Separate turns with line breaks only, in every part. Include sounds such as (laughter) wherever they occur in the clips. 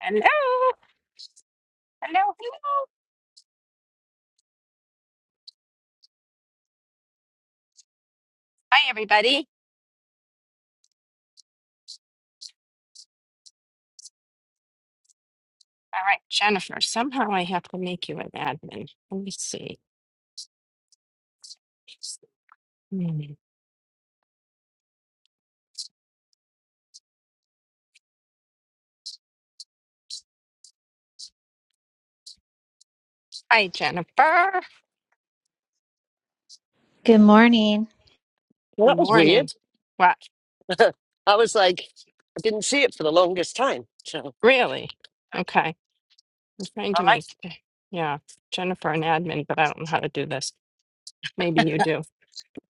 Hello, hello, hello. Hi, everybody. All right, Jennifer, somehow I have to make you an admin. Let me see. Hmm. Hi, Jennifer.
Good morning.
Well,
Good
that was weird.
morning. What?
(laughs) I was like, I didn't see it for the longest time. So, all
Really? Okay. I'm trying to
right.
make, yeah, Jennifer an admin, but I don't know how to do this. Maybe you do.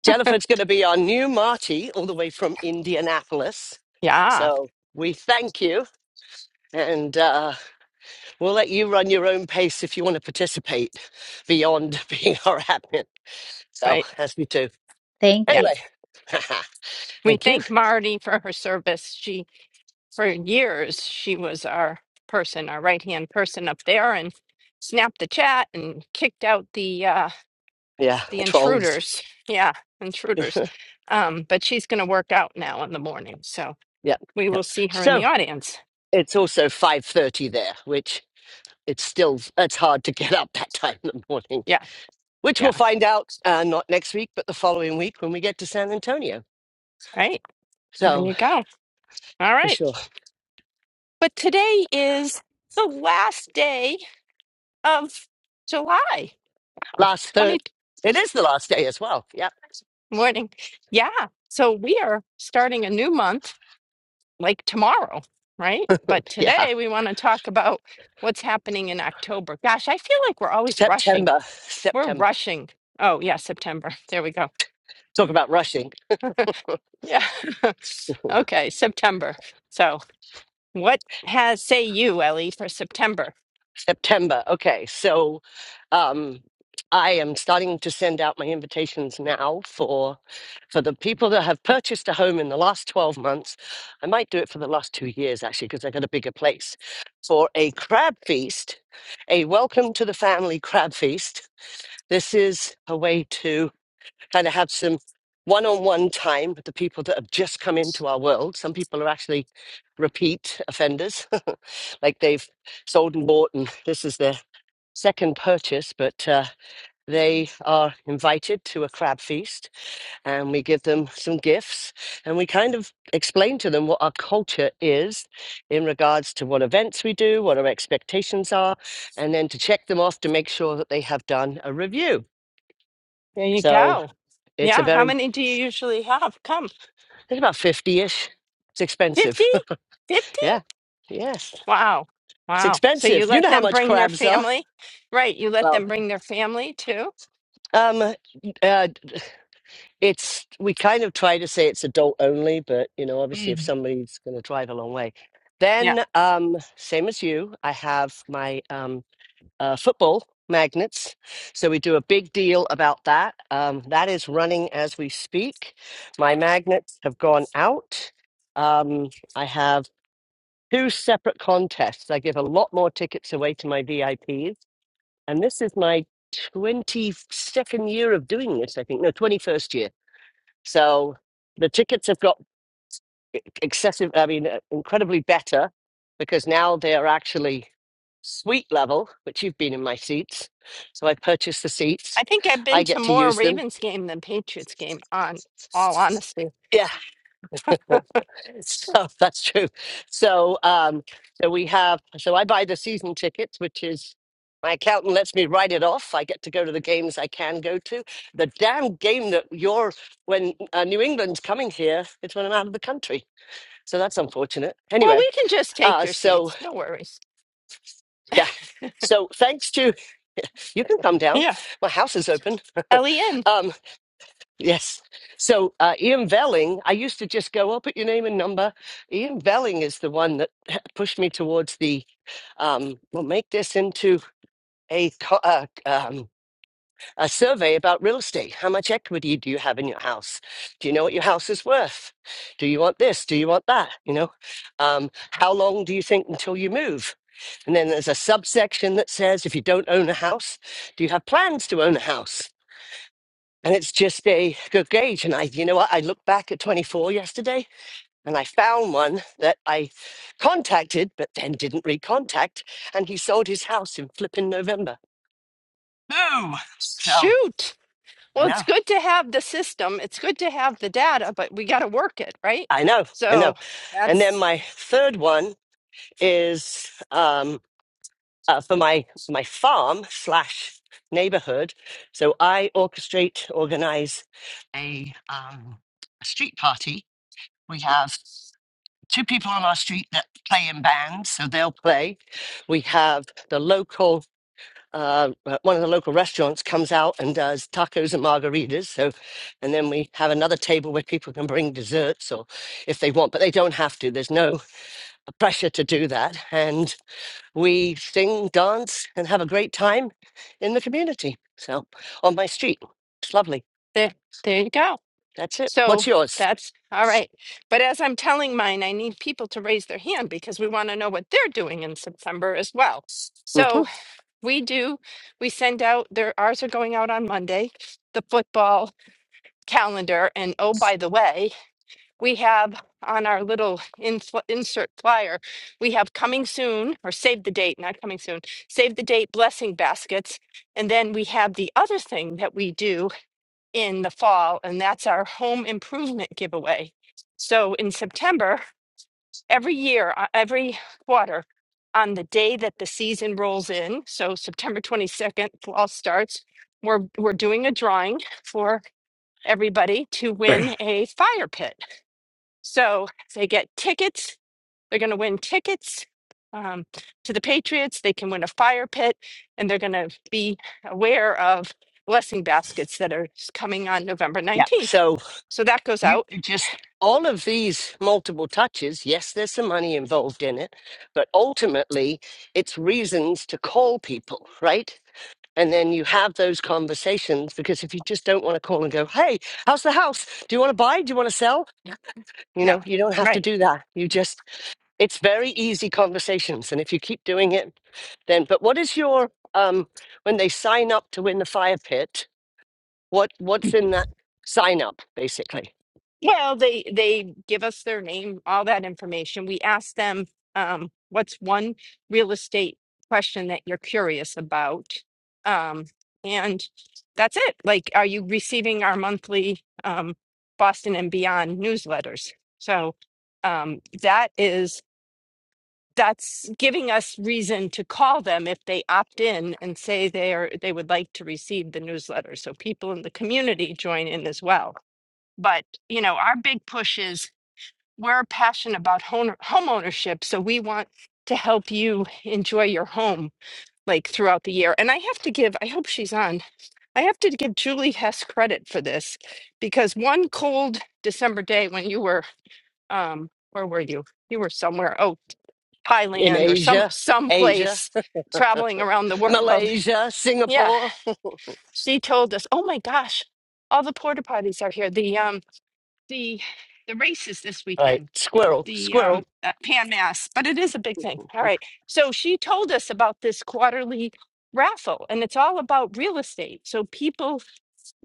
Jennifer's going to be our new Marty all the way from Indianapolis.
Yeah,
So, we thank you and uh, we'll let you run your own pace if you want to participate beyond (laughs) being our admin. So,
right.
as we do.
Thank
Yeah.
you.
Anyway, (laughs)
We
thank you.
thank Marty for her service. She, for years, she was our person, our right hand person up there and snapped the chat and kicked out the, uh,
Yeah,
the
trolls.
intruders. (laughs) Yeah, intruders.
(laughs)
Um, but she's going to work out now in the morning. So
Yep,
we will
yep.
see her in the
So,
audience.
it's also 5.30 there, which it's still, it's hard to get up that time in the morning
Yeah,
which we'll
yeah.
find out uh, not next week, but the following week when we get to San Antonio.
Right. There
So
you go. All
for
right.
sure,
But today is the last day of July. Oh,
last third,
20
it is the last day as well. Yep,
(laughs) morning. Yeah. So we are starting a new month like tomorrow, right? But
yeah,
today we want to talk about what's happening in October. Gosh, I feel like we're always rushing
September,
We're
September.
rushing. Oh, yeah, September. (laughs) There we go.
Talk about rushing,
Yeah. (laughs) Okay, September. So, what has say you, Ellie, for September?
September. Okay, so um, I am starting to send out my invitations now for for the people that have purchased a home in the last twelve months. I might do it for the last two years actually because I got a bigger place for a crab feast, a welcome to the family crab feast This is a way to kind of have some one on one time with the people that have just come into our world. Some people are actually repeat offenders, (laughs) like they've sold and bought, and this is their second purchase, but uh, they are invited to a crab feast, and we give them some gifts, and we kind of explain to them what our culture is in regards to what events we do, what our expectations are, and then to check them off to make sure that they have done a review.
There you
So
go.
it's a
Yeah, how
very,
many do you usually have? Come.
it's about 50 ish. It's
50?
expensive.
50?
(laughs) yeah. Yes.
Wow.
It's
Wow. So you
expensive. You
let
know how
them
much
bring their
crabs are.
family? Right, you let
Well,
them bring their family too?
um, uh, it's, we kind of try to say it's adult only, but, you know, obviously if
Mm.
somebody's going to drive a long way.
Yeah.
Then, um, same as you, I have my um, uh, football magnets. So we do a big deal about that. Um, that is running as we speak. My magnets have gone out. Um, I have. two separate contests. I give a lot more tickets away to my VIPs. And this is my 22nd year of doing this, I think. No, 21st year. So the tickets have got e-, excessive, I mean, uh, incredibly better because now they are actually suite level, which you've been in my seats. So I purchased the
I
seats.
think I've
I
been to
get to
more
use them.
Ravens game than Patriots game on all honesty.
Yeah. (laughs) So (laughs) that's true. So um so we have so I buy the season tickets, which is my accountant lets me write it off. I get to go to the games I can go to. The damn game that you're when uh, New England's coming here, it's when I'm out of the country. So that's unfortunate.
Well,
Anyway,
we can just take
uh
your
so
seats. No worries.
(laughs) yeah. So thanks to you can come down.
Yeah.
My house is open.
Ellie in.
(laughs) um Yes. So uh, Ian Velling, I used to just go, I'll put your name and number. Ian Velling is the one that (laughs) pushed me towards the, um, we'll make this into a, co- uh, um, a survey about real estate. How much equity do you have in your house? Do you know what your house is worth? Do you want this? Do you want that? You know, um, how long do you think until you move? And then there's a subsection that says if you don't own a house, do you have plans to own a house? And it's just a good gauge. And I, you know what? I looked back at 24 yesterday and I found one that I contacted, but then didn't recontact. And he sold his house in flipping November. Boom. so
Shoot.
I
Well,
know.
it's good to have the system. It's good to have the data, but we got to work it, right?
I know. I know.
So
And then
that's
my third one is um, uh, for my, my farm slash neighborhood. So I orchestrate, organize a, um, a street party. We have two people on our street that play in bands, so they'll play. We have the local, uh, uh, one of the local restaurants comes out and does tacos and margaritas. So, and then we have another table where people can bring desserts or if they want, but they don't have to. There's no pressure to do that. And we sing, dance, and have a great time in the community. So, on my street, it's lovely.
there. There you go.
That's it.
So
What's yours?
that's all right. But as I'm telling mine, I need people to raise their hand because we want to know what they're doing in September as well.
hmm
So we do, we send out their ours are going out on Monday, the football calendar. And oh, by the way, we have on our little infl- insert flyer, we have coming soon or save the date, not coming soon, save the date blessing baskets. And then we have the other thing that we do in the fall, and that's our home improvement giveaway. So in September, every year, uh, every quarter, on the day that the season rolls in, so September 22nd, fall starts, we're, we're doing a drawing for everybody to win a fire pit. So they get tickets. They're going to win tickets um, to the Patriots. They can win a fire pit, and they're going to be aware of blessing baskets that are s- coming on November
Yeah.
19th.
So,
So that goes
You
out
you just, all of these multiple touches, yes, there's some money involved in it, but ultimately it's reasons to call people, right? And then you have those conversations because if you just don't want to call and go, hey, how's the house? Do you want to buy? Do you want to sell? You
now.
know, you don't have to
Right.
do that. You just, it's very easy conversations. And if you keep doing it, then, but what is your, um, when they sign up to win the fire pit, what, what's in that sign up basically?
Well, they they give us their name, all that information. We ask them, um, what's one real estate question that you're curious about? Um, and that's it. Like, are you receiving our monthly um, Boston and Beyond newsletters? So um, that is that's giving us reason to call them if they opt in and say they are they would like to receive the newsletter. So people in the community join in as well. But you know, our big push is we're passionate about home, home ownership, so we want to help you enjoy your home like throughout the year. And I have to give, I hope she's on, I have to give Julie Hess credit for this because one cold December day when you were, um, where were you? You were somewhere, oh,
in
Thailand or some
Asia, Asia,
someplace
(laughs)
traveling around the world.
Malaysia,
Yeah,
Singapore.
she told us, oh my gosh, all the porta potties are here. The um, the the race is this
Right,
weekend
squirrel,
the um,
squirrel.
uh, pan mass, but it is a big thing. All right. So she told us about this quarterly raffle, and it's all about real estate. So people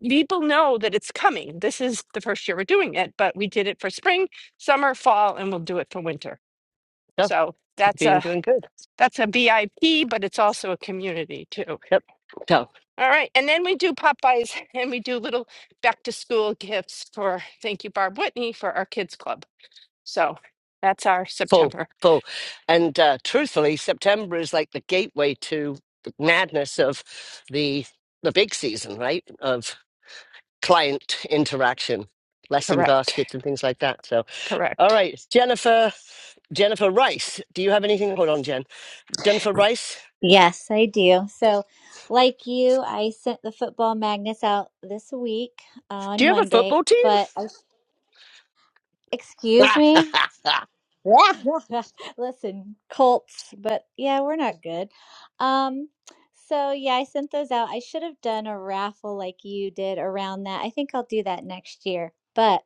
people know that it's coming. This is the first year we're doing it, but we did it for spring, summer, fall, and we'll do it for winter.
Yep,
So
you've
that's
been
a
doing good.
that's a BIP, but it's also a community too.
Yep. So
All right, and then we do Popeyes, (laughs) and we do little back to school gifts for thank you Barb Whitney for our kids club. So that's our
full,
September.
full, and uh, truthfully, September is like the gateway to the madness of the the big season, right? Of client interaction, blessing
Correct.
baskets, and things like that. So, all
Correct.
right, Jennifer, Jennifer Rice. Do you have anything? Hold on, Jen. Jennifer Rice.
Yes, I do. So, like you, I sent the football magnets out this week
Do
on
you have a
Monday,
football team?
but I-
(laughs)
excuse me. Yeah. (laughs) Listen, Colts, but yeah, we're not good. Um so yeah, I sent those out. I should have done a raffle like you did around that. I think I'll do that next year. But.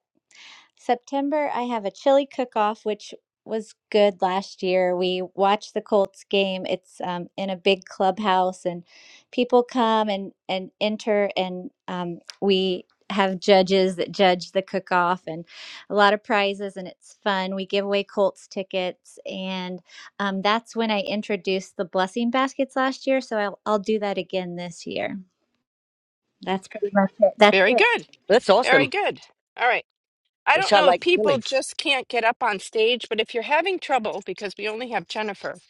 September, I have a chili cook off, which was good last year. We watched the Colts game. It's um, in a big clubhouse, and people come and, and enter, and um, we have judges that judge the cook off and a lot of prizes, and it's fun. We give away Colts tickets, and um, that's when I introduced the blessing baskets last year. So I'll, I'll do that again this year. That's pretty much it. That's
Very
it.
good.
That's awesome.
Very good. All right. I
which
don't
I
know if
like
people
Billy
just can't get up on stage, but if you're having trouble, because we only have Jennifer,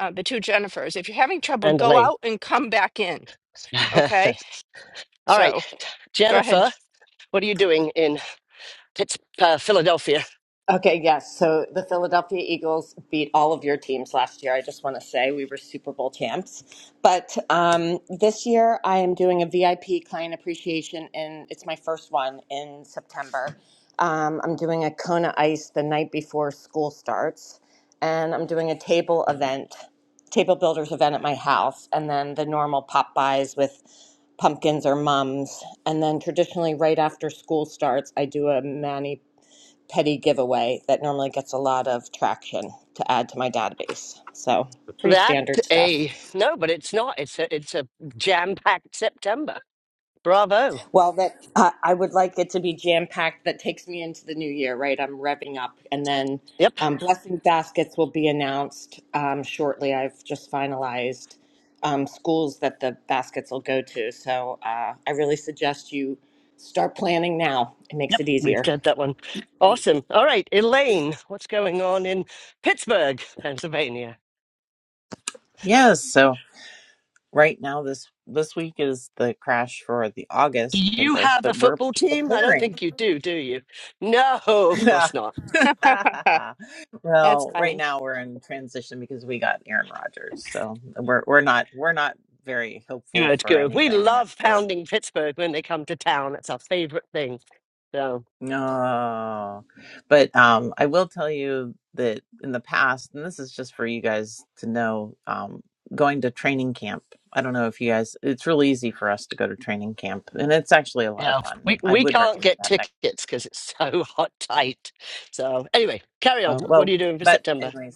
uh, the two Jennifers, if you're having trouble,
and
go
Elaine.
out and come back in.
(laughs)
Okay.
All right,
So go ahead.
Jennifer, what are you doing in Pitts, uh, Philadelphia?
Okay, yes. So the Philadelphia Eagles beat all of your teams last year. I just want to say we were Super Bowl champs. But um, this year I am doing a VIP client appreciation, and it's my first one in September. Um, I'm doing a Kona Ice the night before school starts, and I'm doing a table event, table builders event at my house, and then the normal pop buys with pumpkins or mums. And then traditionally, right after school starts, I do a Manny petty giveaway that normally gets a lot of traction to add to my database. So, pretty
That's
standard stuff.
a no, but it's not. It's a it's a jam-packed September. Bravo.
Well, that uh, I would like it to be jam packed. That takes me into the new year, right? I'm revving up, and then
Yep,
um, blessing baskets will be announced um, shortly. I've just finalized um, schools that the baskets will go to, so uh, I really suggest you start planning now. It makes
yep,
it
we've
easier.
got that one. Awesome. All right, Elaine, what's going on in Pittsburgh, Pennsylvania?
Yes, so right now this this week is the crash for the
Do
August pig
you
roast,
have a
but we're
football team? I don't
preparing.
think
(laughs)
you do, do you? No, of
Yeah.
course not.
(laughs) That's
well, right
funny.
now we're in transition because we got Aaron Rodgers, so we're we're not we're not very hopeful
Good,
for
good. We
anything
love
actually.
pounding Pittsburgh when they come to town. It's our favorite thing. So.
No. But um I will tell you that in the past, and this is just for you guys to know, um going to training camp. I don't know if you guys it's really easy for us to go to training camp and it's actually a lot of
Yeah,
fun.
we
I
we
would
can't
recommend
get
that next.
tickets because it's (laughs) so hot tight. So anyway, carry on.
Uh,
What are
well,
you doing for
but
September?
anyways,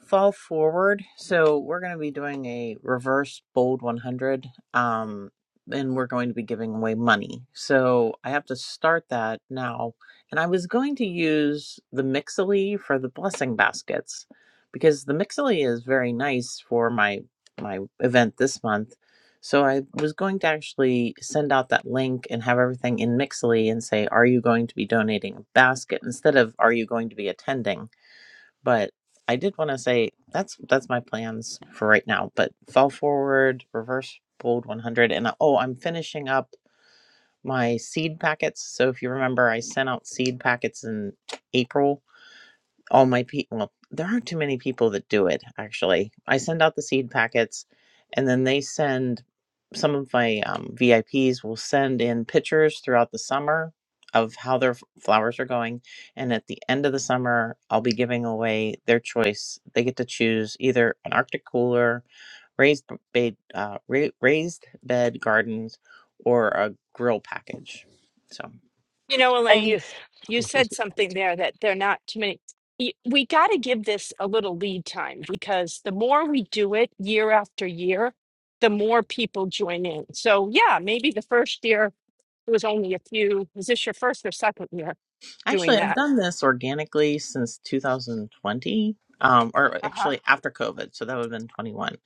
fall forward. So we're going to be doing a reverse bold 100 um and we're going to be giving away money. So I have to start that now. And I was going to use the Mixly for the blessing baskets because the Mixly is very nice for my my event this month. So I was going to actually send out that link and have everything in Mixly and say are you going to be donating a basket instead of are you going to be attending but I did want to say that's that's my plans for right now. But fall forward, reverse bold 100, and uh, oh, I'm finishing up my seed packets. So if you remember, I sent out seed packets in April all my people well, there aren't too many people that do it actually i send out the seed packets and then they send some of my um, vips will send in pictures throughout the summer of how their f- flowers are going and at the end of the summer i'll be giving away their choice they get to choose either an arctic cooler raised bed uh, ra- raised bed gardens or a grill package So.
You know,
And
Elaine,
you,
you said something there that they're not too many. y- We got to give this a little lead time because the more we do it year after year, the more people join in. So, yeah, maybe the first year it was only a few. Is this your first or second year doing
Actually, I've
that?
done this organically since 2020, um, or
Uh-huh.
actually after COVID. So that would have been 21.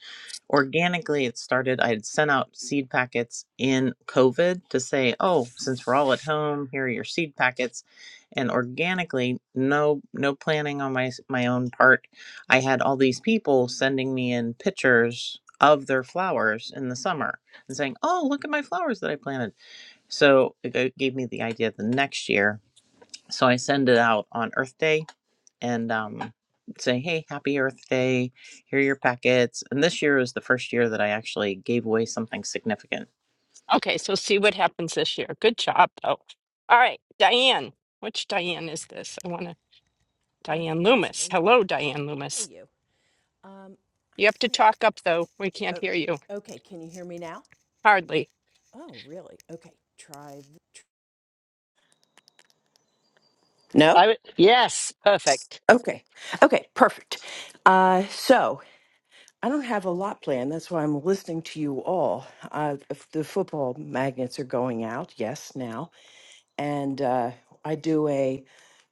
Organically, it started, I had sent out seed packets in COVID to say, oh, since we're all at home, here are your seed packets. And organically, no, no planning on my, my own part. I had all these people sending me in pictures of their flowers in the summer and saying, oh, look at my flowers that I planted. So it g- gave me the idea the next year so I send it out on Earth Day and um, say, "Hey, Happy Earth Day! Here are your packets." And this year is the first year that I actually gave away something significant.
Okay, so see what happens this year. Good job, though. All right, Diane. Which Diane is this? I want to.
I
Diane
think it's
Loomis.
me.
Hello, Diane
Hey,
Loomis.
you. Um,
You have to talk up, though. We can't
oh,
hear you.
okay. Can you hear me now?
Hardly.
Oh, really? Okay. Try. th-
I
No.
w- yes, perfect.
Okay. Okay. Perfect. Uh, so I don't have a lot planned. That's why I'm listening to you all. Uh, if the football magnets are going out. Yes, now. And uh, I do a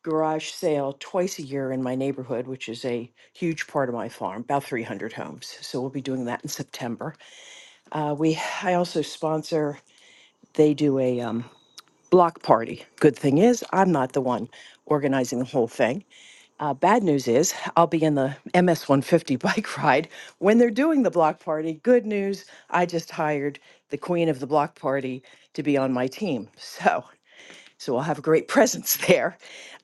garage sale twice a year in my neighborhood, which is a huge part of my farm, about 300 homes. So we'll be doing that in September. Uh, we I also sponsor. they do a um, block party. Good thing is, I'm not the one organizing the whole thing. Uh, bad news is, I'll be in the MS 150 (laughs) bike ride when they're doing the block party. Good news, I just hired the queen of the block party to be on my team. So so I'll have a great presence (laughs) there.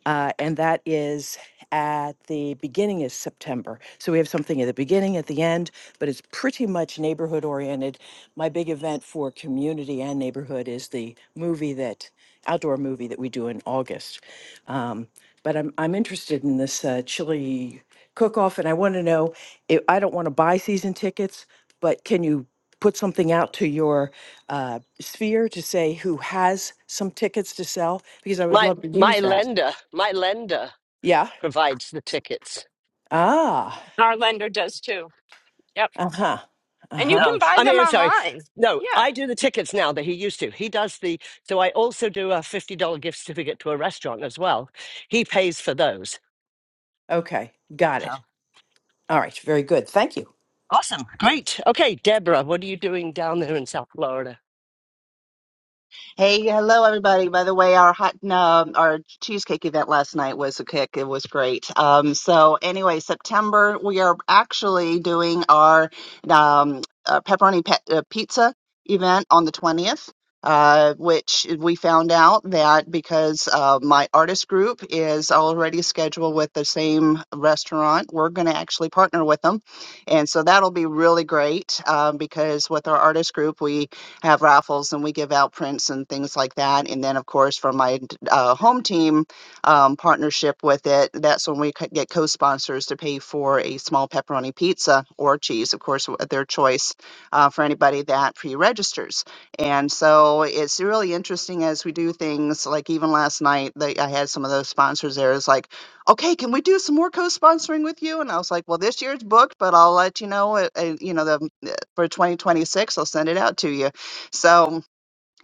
Uh, and that is at the beginning of September. So we have something at the beginning, at the end, but it's pretty much neighborhood oriented. My big event for community and neighborhood is the movie that outdoor movie that we do in August. Um, but I'm I'm interested in this uh, chili cook off, and I want to know if I don't want to buy season tickets, but can you? put something out to your uh, sphere to say who has some tickets to sell because I would
My
love to
my
use that.
lender, my lender
Yeah.
provides the tickets.
Ah.
Our lender does too. Yep.
Uh huh. Uh
And you
huh.
So
can buy
I
them
mean, I'm sorry.
online.
No,
Yeah.
I do the tickets now that he used to. He does the so I also do a fifty dollar gift certificate to a restaurant as well. He pays for those.
Okay. Got
So
it. All right. Very good. Thank you.
awesome, great. Okay, Deborah, what are you doing down there in South Florida?
Hey, hello everybody. By the way, our hot um, our cheesecake event last night was a kick. It was great. Um, so anyway, September we are actually doing our um, uh, pepperoni pe uh, pizza event on the 20th. Uh, which we found out that because uh, my artist group is already scheduled with the same restaurant, we're going to actually partner with them. And so that'll be really great um, because with our artist group, we have raffles and we give out prints and things like that. And then, of course, from my uh, home team um, partnership with it, that's when we c- get co sponsors to pay for a small pepperoni pizza or cheese, of course, at their choice uh, for anybody that pre registers. And so it's really interesting as we do things like even last night, they, I had some of those sponsors there. It's like, okay, can we do some more co-sponsoring with you? And I was like, well, this year's booked, but I'll let you know, uh, uh, you know, the, uh, for 2026, I'll send it out to you so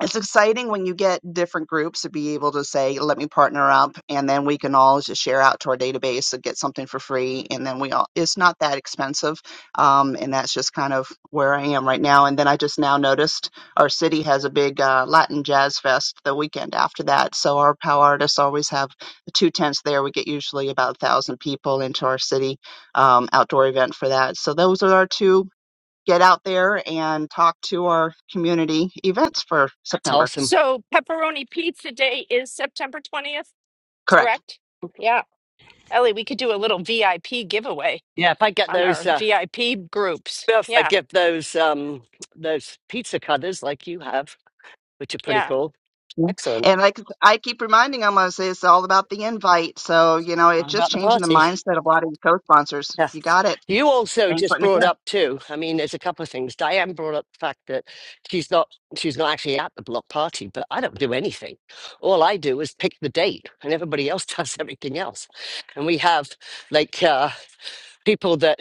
it's exciting when you get different groups to be able to say, let me partner up, and then we can all just share out to our database and get something for free. And then we all, it's not that expensive. Um, and that's just kind of where I am right now. And then I just now noticed our city has a big uh, Latin Jazz Fest the weekend after that. So our POW artists always have two tents there. We get usually about a thousand people into our city um, outdoor event for that. So those are our two get out there and talk to our community events for
That's
September.
awesome.
So pepperoni pizza day is September 20th,
Correct.
correct? Yeah. Ellie, we could do a little VIP giveaway
Yeah, if I get
on
those.
our
Uh,
VIP groups.
Well, if they
Yeah.
give those um those pizza cutters like you have, which are pretty
Yeah.
cool.
Yeah.
Excellent.
And like I keep reminding them, I say it's all about the invite. So, you know,
Not
it's just
about the
changing the
party. (laughs)
mindset of a lot of your co sponsors.
Yeah.
You got it.
You also
Thanks for
just
letting me
brought
share.
up too. I mean, there's a couple of things. Diane brought up the fact that she's not she's not actually at the block party, but I don't do anything. All I do is pick the date, and everybody else (laughs) does everything else. And we have like uh, people that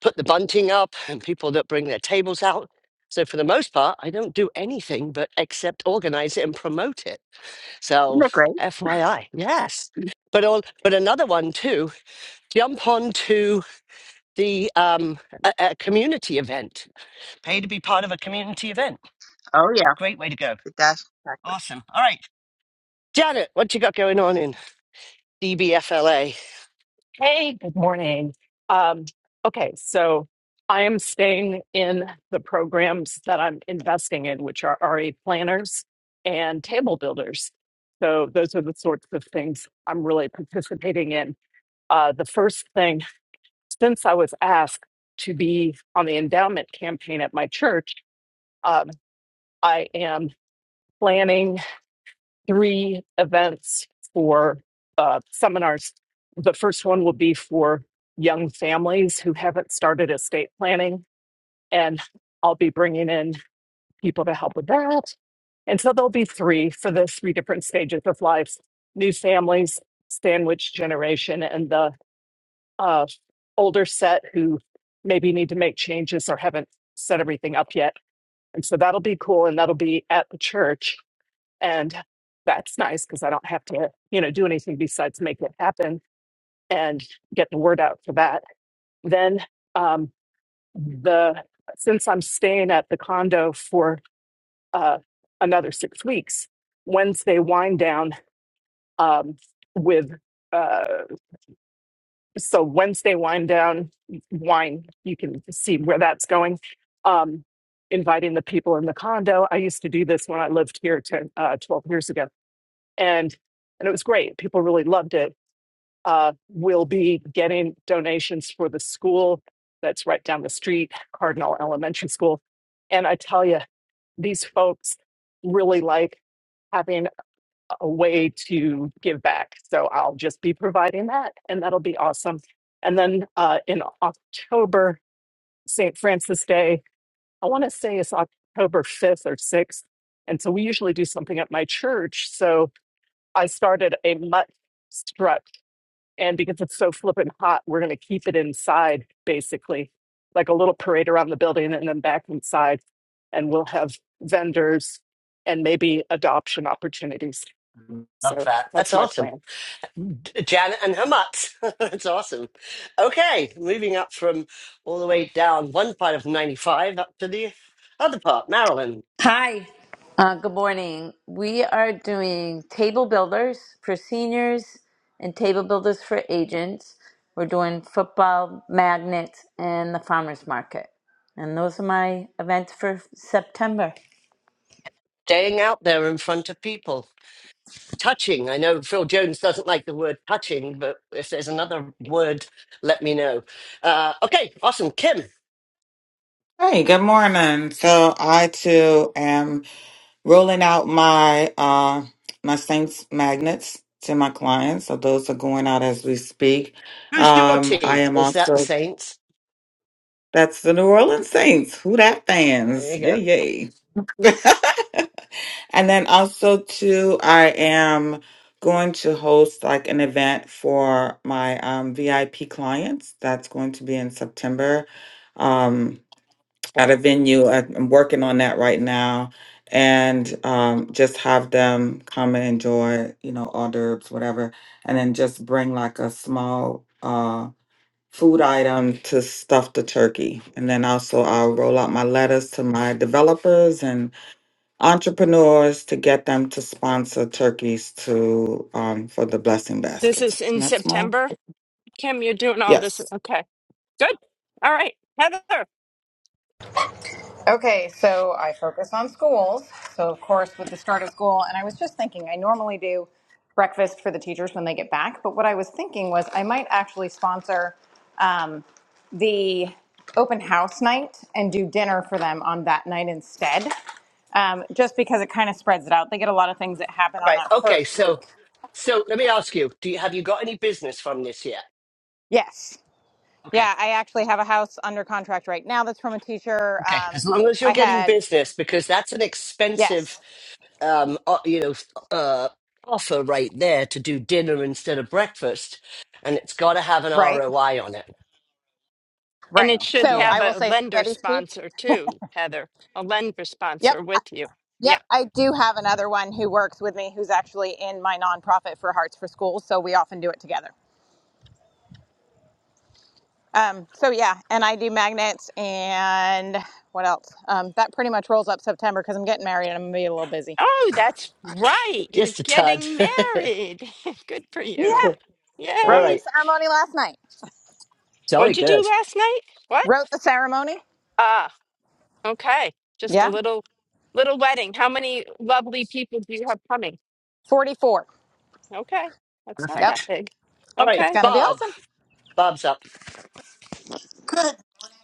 put the bunting up, and people that bring their tables out. So for the most part, I don't do anything but except organize it and promote it.
Isn't
So
that great?
FYI, yes. But all, but another one too. Jump on to the um, a, a community event. Pay to be part of a community event.
Oh, yeah,
Great way to go.
it does.
Awesome. All right, Janet, what you got going on in DBFLA?
Hey, good morning. Um, okay, so I am staying in the programs that I'm investing in, which are RE planners and table builders. So those are the sorts of things I'm really participating in. Uh, the first thing, since I was asked to be on the endowment campaign at my church, um, I am planning three events for uh, seminars. The first one will be for young families who haven't started estate planning, and I'll be bringing in people to help with that. And so there'll be three for the three different stages of life new families, sandwich generation, and the uh, older set who maybe need to make changes or haven't set everything up yet. And so that'll be cool. And that'll be at the church. And that's nice because I don't have to, you know, do anything besides make it happen and get the word out for that. Then um, the since I'm staying at the condo for uh, another six weeks, Wednesday wind down um, with uh, so Wednesday wind down wine. You can see where that's going. Um, inviting the people in the condo. I used to do this when I lived here ten, uh, 12 years ago and and it was great. People really loved it. Uh, we'll be getting donations for the school that's right down the street, Cardinal Elementary School, and I tell you, these folks really like having a way to give back. So I'll just be providing that, and that'll be awesome. And then uh, in October, St. Francis Day, I want to say it's October fifth or sixth, and so we usually do something at my church. So I started a mutt strut. And because it's so flippin' hot, we're going to keep it inside, basically, like a little parade around the building and then back inside. And we'll have vendors and maybe adoption opportunities.
Love
So
that. That's
that's my
awesome.
plan.
Janet and her mutt. (laughs) That's awesome. Okay, moving up from all the way down one part of 95 up to the other part, Maryland.
Hi, uh, good morning. We are doing table builders for seniors and table builders for agents. We're doing football, magnets, and the farmers market. And those are my events for September.
Staying out there in front of people. Touching. I know Phil Jones doesn't like the word touching, but if there's another word, let me know. Uh, okay, awesome. Kim,
Hey, good morning. So I too am rolling out my uh my Saints magnets to my clients. So those are going out as we speak.
who's your
Um I
team?
am
Is that the
also
Saints?
that's the New Orleans Saints. Who that
There
fans?
you go.
Yay
All
yay. (laughs) and then also too, I am going to host like an event for my um VIP clients. That's going to be in September. Um at a venue. I- I'm working on that right now, and um, just have them come and enjoy, you know, hors d'oeuvres, whatever, and then just bring like a small uh, food item to stuff the turkey, and then also I'll roll out my letters to my developers and entrepreneurs to get them to sponsor turkeys to um, for the blessing
This
baskets.
is
And
in
that's my
September. Kim, you're doing all this.
yes.
Okay. Good. All right. Heather.
Okay, so I focus on schools. So, of course, with the start of school, and I was just thinking, I normally do breakfast for the teachers when they get back, but what I was thinking was I might actually sponsor um, the open house night and do dinner for them on that night instead, um, just because it kind of spreads it out. They get a lot of things that happen on
right.
that
Okay.
first
So,
week.
so let me ask you: Do you, have you got any business from this yet?
Yes.
Okay.
Yeah, I actually have a house under contract right now that's from a teacher.
Okay,
Um,
as long as you're
I
getting
had,
business, because that's an expensive,
yes,
um, o- you know, uh, offer right there to do dinner instead of breakfast, and it's got to have an
right.
ROI on it.
And
Right.
it
So
should
go
So
have
ahead,
I will
a
say
lender
spaghetti's cheap.
sponsor too, Heather. A lender
Yep.
sponsor with you. Yeah.
Yep. I do have another one who works with me who's actually in my nonprofit for Hearts for Schools. So we often do it together. Um, so yeah, and I do magnets and what else? Um, that pretty much rolls up September because I'm getting married and I'm gonna be a little busy.
Oh, that's right. You're
just a tad.
getting
(laughs)
married. (laughs) Good for
Yeah.
you.
All
Wrote at the
Yay.
right,
ceremony last night.
jolly
What'd you do
good,
last night? What?
Wrote the ceremony.
Ah, okay. Just a
Yeah.
little little wedding. How many lovely people do you have coming?
44.
Okay. That's not
Yep.
that
perfect.
big.
All right,
It's
Okay.
gonna be awesome.
Bob, Bob's up.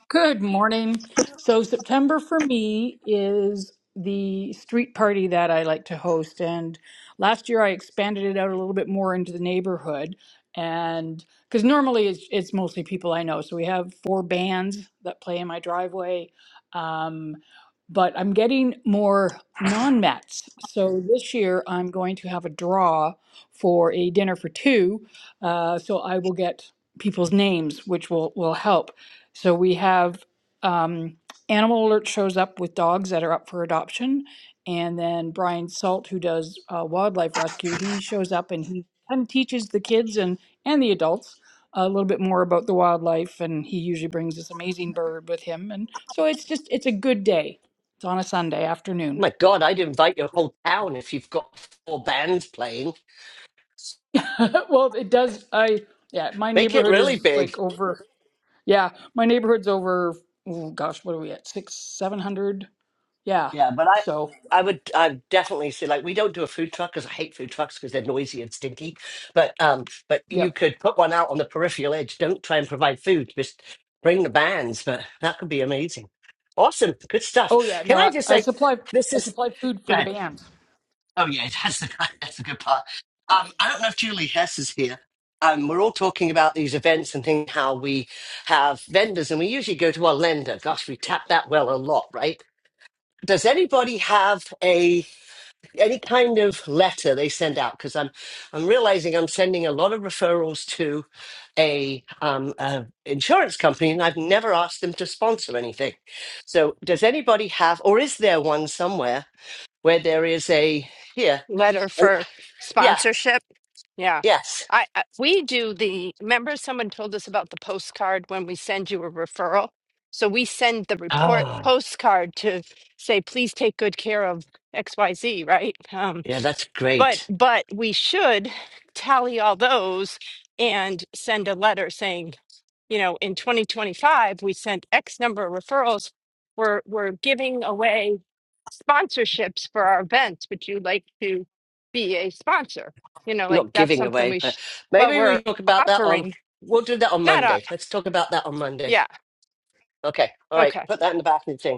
Good morning. So, September for me is the street party that I like to host. And last year I expanded it out a little bit more into the neighborhood. And because normally it's, it's mostly people I know. So, we have four bands that play in my driveway. Um, but I'm getting more non Mets. So, this year I'm going to have a draw for a dinner for two. Uh, so, I will get people's names, which will, will help. So we have um, Animal Alert shows up with dogs that are up for adoption, and then Brian Salt, who does uh, wildlife rescue, he shows up and he kind of teaches the kids and and the adults a little bit more about the wildlife. And he usually brings this amazing bird with him, and so it's just it's a good day. It's on a Sunday
Oh
afternoon.
my God, I'd invite your whole town if you've got four bands playing.
(laughs) well, it does. I yeah, my
Make it
neighborhood
really
is
big.
like over. Yeah, my neighborhood's over. Oh gosh, what are we at? Six, seven hundred. Yeah,
Yeah, but I,
so
I would, I definitely say like we don't do a food truck because I hate food trucks because they're noisy and stinky. But um, but you
Yep.
could put one out on the peripheral edge. Don't try and provide food. Just bring the bands. But that could be amazing. Awesome, good stuff.
Oh yeah.
Can
No,
I
I,
just
I
say,
supply
this
I
is
supply food for
go
the
ahead.
band.
Oh yeah, (laughs) that's the that's the good part. Um, I don't know if Julie Hess is here. Um, we're all talking about these events and things, how we have vendors, and we usually go to our lender. Gosh, we tap that well a lot, right? does anybody have a any kind of letter they send out because i'm i'm realizing i'm sending a lot of referrals to a um a insurance company and i've never asked them to sponsor anything so does anybody have or is there one somewhere where there is a here
Letter
and
for
yeah
sponsorship. Yeah.
yes
I, I we do the remember someone told us about the postcard when we send you a referral. So we send the report
ah
postcard to say please take good care of XYZ, right? Um,
yeah that's
but
great
but we should tally all those and send a letter saying you know in 2025 we sent x number of referrals we're we're giving away sponsorships for our events would you like to be a sponsor you know like
not
that's
giving
something
away
we
but
should well
maybe
we're
we talk about that on
offering
we'll do that on
not up
monday let's talk about that on monday
yeah
okay all right
okay
put that in the back of the thing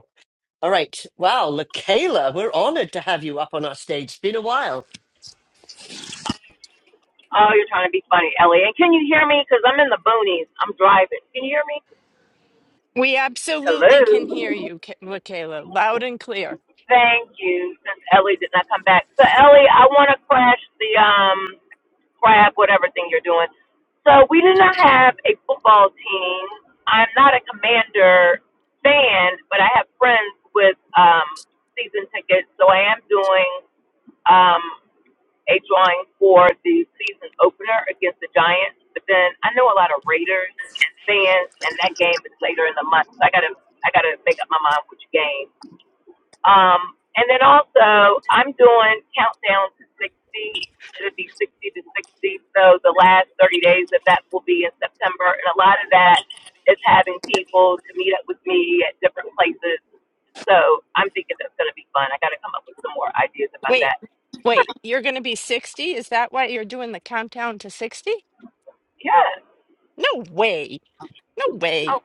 All right. Wow, LaKayla, we're honored to have you up on our stage. It's been a while.
Oh, you're trying to be funny, Ellie. And can you hear me? Because I'm in the boonies. I'm driving. Can you hear me?
we absolutely can hear
Hello.
you Ca- michaela loud and clear
Thank you. Since Ellie did not come back, so Ellie, I want to crash the um crab, whatever thing you're doing. So we do not
Mm.
have a football team. I'm not a Commander fan, but I have friends with um season tickets, so I am doing um a drawing for the season opener against the Giants. But then I know a lot of Raiders fans, and that game is later in the month. So I gotta I gotta make up my mind which game. Um, and then also I'm doing countdown to 60. It'll be 60 to 60. So the last 30 days of that will be in September, and a lot of that is having people to meet up with me at different places. So I'm thinking that's gonna be fun. I gotta come up with some more ideas about
wait
that. But
wait you're going to be 60 is that why you're doing the countdown to 60
yeah.
No way. No way.
Oh,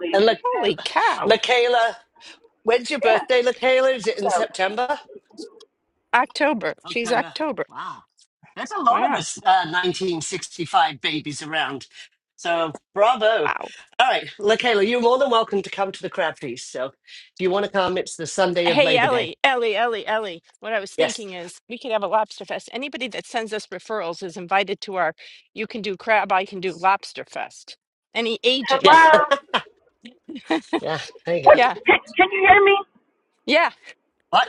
please,
And La
we've had
Holy
this
cow.
conversation.
LaKayla, when's your
Yeah.
birthday, LaKayla? Is it in
So,
September?
October. She's
October.
October.
Wow. There's a lot of
Wow.
us uh, 1965 babies around. So bravo.
Wow.
All right, LaKayla, you're more than welcome to come to the crab feast. So if you want to come, it's the Sunday of
Hey,
Labor Day.
Ellie, Ellie, Ellie, Ellie. What I was
Yes.
thinking is we could have a lobster fest. Anybody that sends us referrals is invited to our You Can Do Crab, I Can Do Lobster Fest. Any
Yeah. (laughs)
agents? (laughs)
hello.
Yeah. There you go.
What?
Yeah.
Can, can you hear me,
Yeah.
What?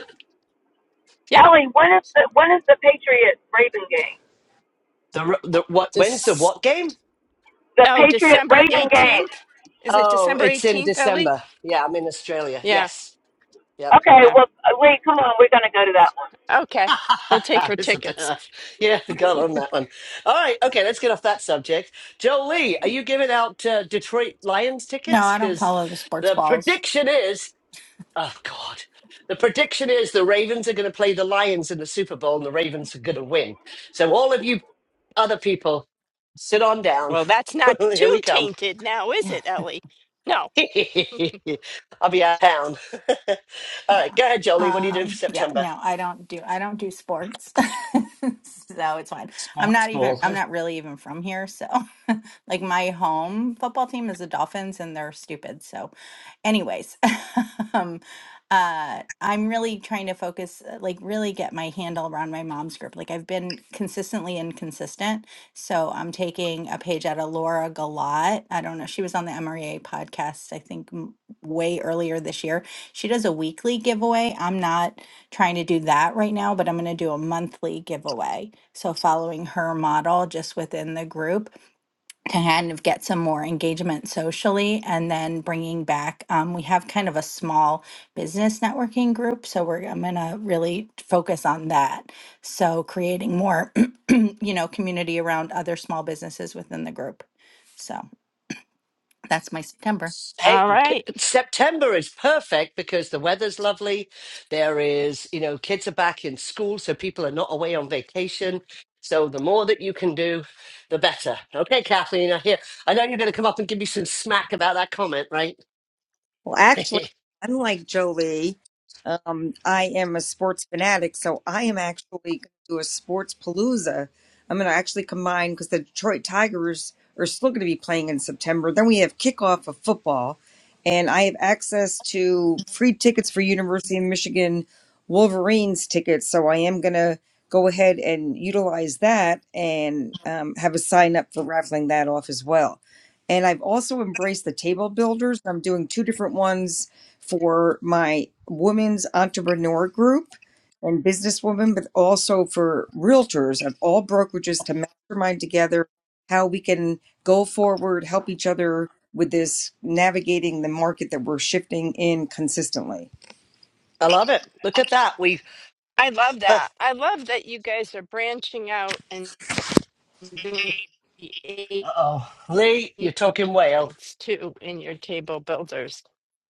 Yeah.
Ellie? When is the when is the Patriot Raven game?
The, r- the what? When's the
Just,
what game?
The
oh,
Patriot
December
Raven game.
18th? Is it
Oh,
December
it's in
18th, Ellie?
December. Yeah, I'm in Australia.
Yeah.
Yes. Yep.
Okay.
Yeah.
Well, uh, wait. Come on. We're gonna go to that one.
Okay. We'll take
(laughs)
her
Listen to
tickets.
her. yeah, got on that one. All right. Okay, let's get off that subject. Jolie, are you giving out uh, Detroit Lions
No,
tickets?
I don't
Because
follow the sports
the
balls.
prediction is, oh, God. The prediction is the Ravens are going to play the Lions in the Super Bowl and the Ravens are going to win. So, all of you other people, sit on down.
Well, that's not
(laughs) Here we
too
come.
tainted now, is it, Ellie? No.
(laughs) I'll be out of town. (laughs) All right,
Yeah.
go ahead, Jolie. What are you doing for
Um, yeah,
September?
no, I don't do I don't do sports. (laughs) so it's fine. I'm
Sports
not even
ball.
I'm not really even from here, so (laughs) like my home football team is the Dolphins and they're stupid. So anyways, (laughs) um uh I'm really trying to focus uh, like really get my handle around my mom's group. Like I've been consistently inconsistent. So I'm taking a page out of Laura Galat. I don't know. She was on the MREA podcast I think m- way earlier this year she does a weekly giveaway. I'm not trying to do that right now, but I'm going to do a monthly giveaway. So, following her model just within the group to kind of get some more engagement socially, and then bringing back, um, we have kind of a small business networking group. So, we're, I'm going to really focus on that. So, creating more, (clears throat) you know, community around other small businesses within the group. So, that's my September.
Hey,
All right.
September is perfect because the weather's lovely. There is, you know, kids are back in school, so people are not away on vacation. So the more that you can do, the better. Okay, Kathleen, I hear. I know you're going to come up and give me some smack about that comment, right?
Well,
(laughs)
actually,
I
unlike Jolie, um, I am a sports fanatic, so I am actually going to do a sports palooza. I'm going to actually combine because the Detroit Tigers are still going to be playing in September. Then we have kickoff of football, and I have access to free tickets for University of Michigan Wolverines tickets. So I am going to go ahead and utilize that and um, have a sign up for raffling that off as well. And I've also embraced the table builders. I'm doing two different ones for my women's entrepreneur group and businesswomen, but also for realtors of all brokerages to mastermind together how we can go forward, help each other with this navigating the market that we're shifting in consistently.
love it. Look at that. We,
I love
uh
that. I love that you guys are branching out and doing the
oh, Lee, you're talking whale.
agents too in your table builders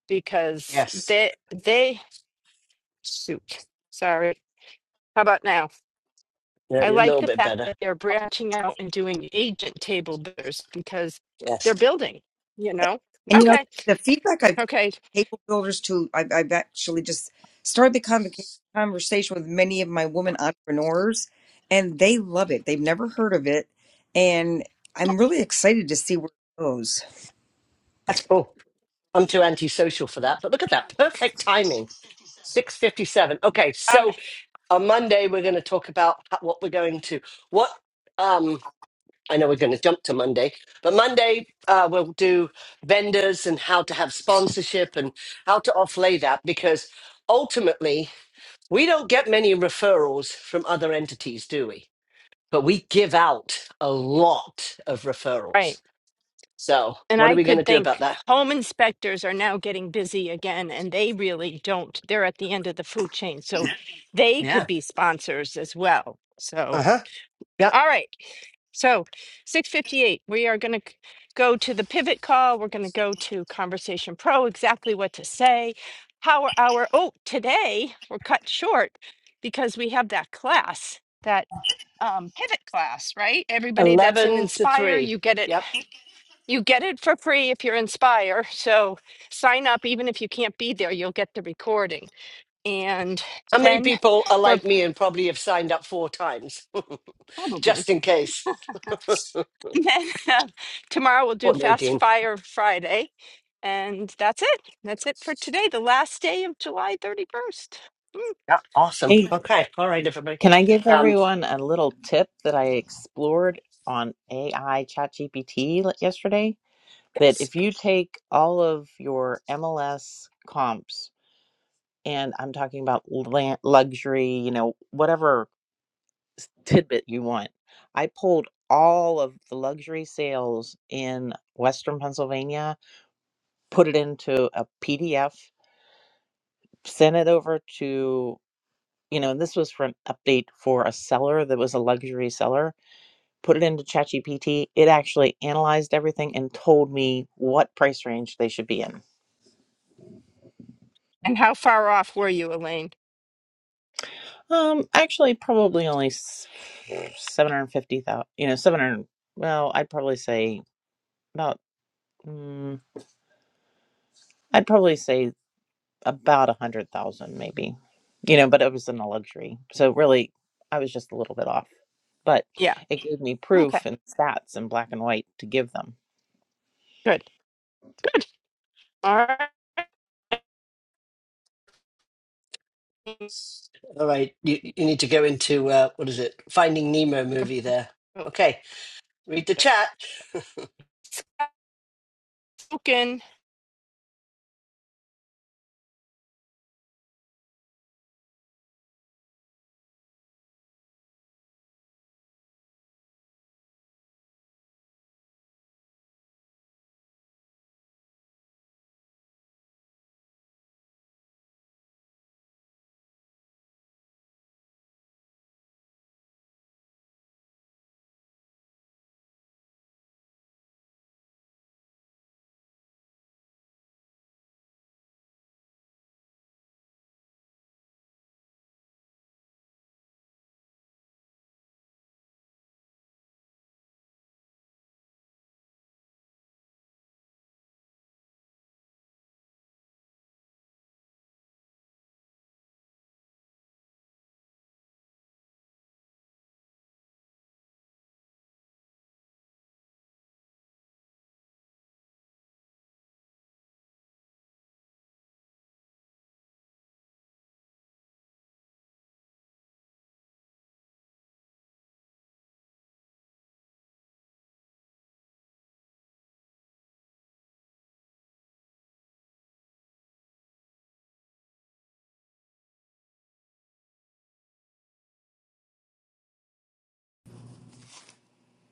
because
Yes,
they they shoot. Sorry. How about now?
yeah,
I
a
like
little
the
bit
fact
better.
that they're branching out and doing agent table builders because they're
Yes,
building, you know?
And you know,
Okay.
the feedback I've got
Okay.
from table builders too, I've, I've actually just started the convoca- conversation with many of my women entrepreneurs, and they love it. They've never heard of it, and I'm really excited to see where it goes.
that's cool. I'm too antisocial for that, but look at that perfect timing. 6:57. Okay,
All
so on Monday we're going to talk about ho- what we're going to what um I know we're going to jump to Monday, but Monday uh, we'll do vendors and how to have sponsorship and how to offlay that because ultimately we don't get many referrals from other entities, do we? But we give out a lot of
right.
referrals. So
And
what are
I
we going to
could
do about
think
that?
home inspectors are now getting busy again, and they really don't. They're at the end of the food chain. So they
Yeah.
could be sponsors as well. So,
Uh huh. Yep.
all right. So 658, we are going to go to the pivot call. We're going to go to Conversation Pro, exactly what to say, power hour. Oh, today we're cut short because we have that class, that um, pivot class, right? Everybody that's in
11 to
Inspire,
3.
you get it
Yep.
you get it for free if you're Inspire. So sign up, even if you can't be there, you'll get the recording. And
How many
then
people are
we're
like me and probably have signed up four times (laughs)
probably,
just in case?
(laughs) and then uh, tomorrow we'll do
What,
Fast
Nadine?
Fire Friday. And that's it. That's it for today, the last day of July 31st. Mm,
Yeah. Awesome.
Hey,
Okay. All right, everybody.
can I give
Um,
everyone a little tip that I explored on AI ChatGPT l- yesterday? that
yes.
if you take all of your MLS comps, and I'm talking about luxury, you know, whatever tidbit you want, I pulled all of the luxury sales in Western Pennsylvania, put it into a PDF, sent it over to, you know, and this was for an update for a seller that was a luxury seller. Put it into ChatGPT. It actually analyzed everything and told me what price range they should be in
And how far off were you, Elaine?
Um, actually, probably only seven hundred fifty thousand. You know, seven hundred. Well, I'd probably say about. Mm, I'd probably say about a hundred thousand, maybe. You know, but it was in a luxury, so really, I was just a little bit off. But
Yeah.
it gave me
Okay.
proof and stats in black and white to give them.
Good. All right.
all right. You, you need to go into, uh, what is it? Finding Nemo movie there. Okay. Read the chat.
Spoken.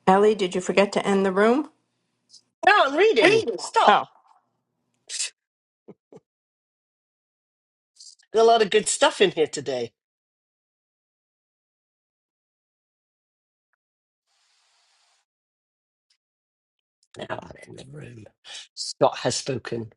Ellie, did you forget to end the room?
No, I'm reading. Stop.
Oh.
There's a lot of good stuff in here today. Now I'm in the room. Scott has spoken.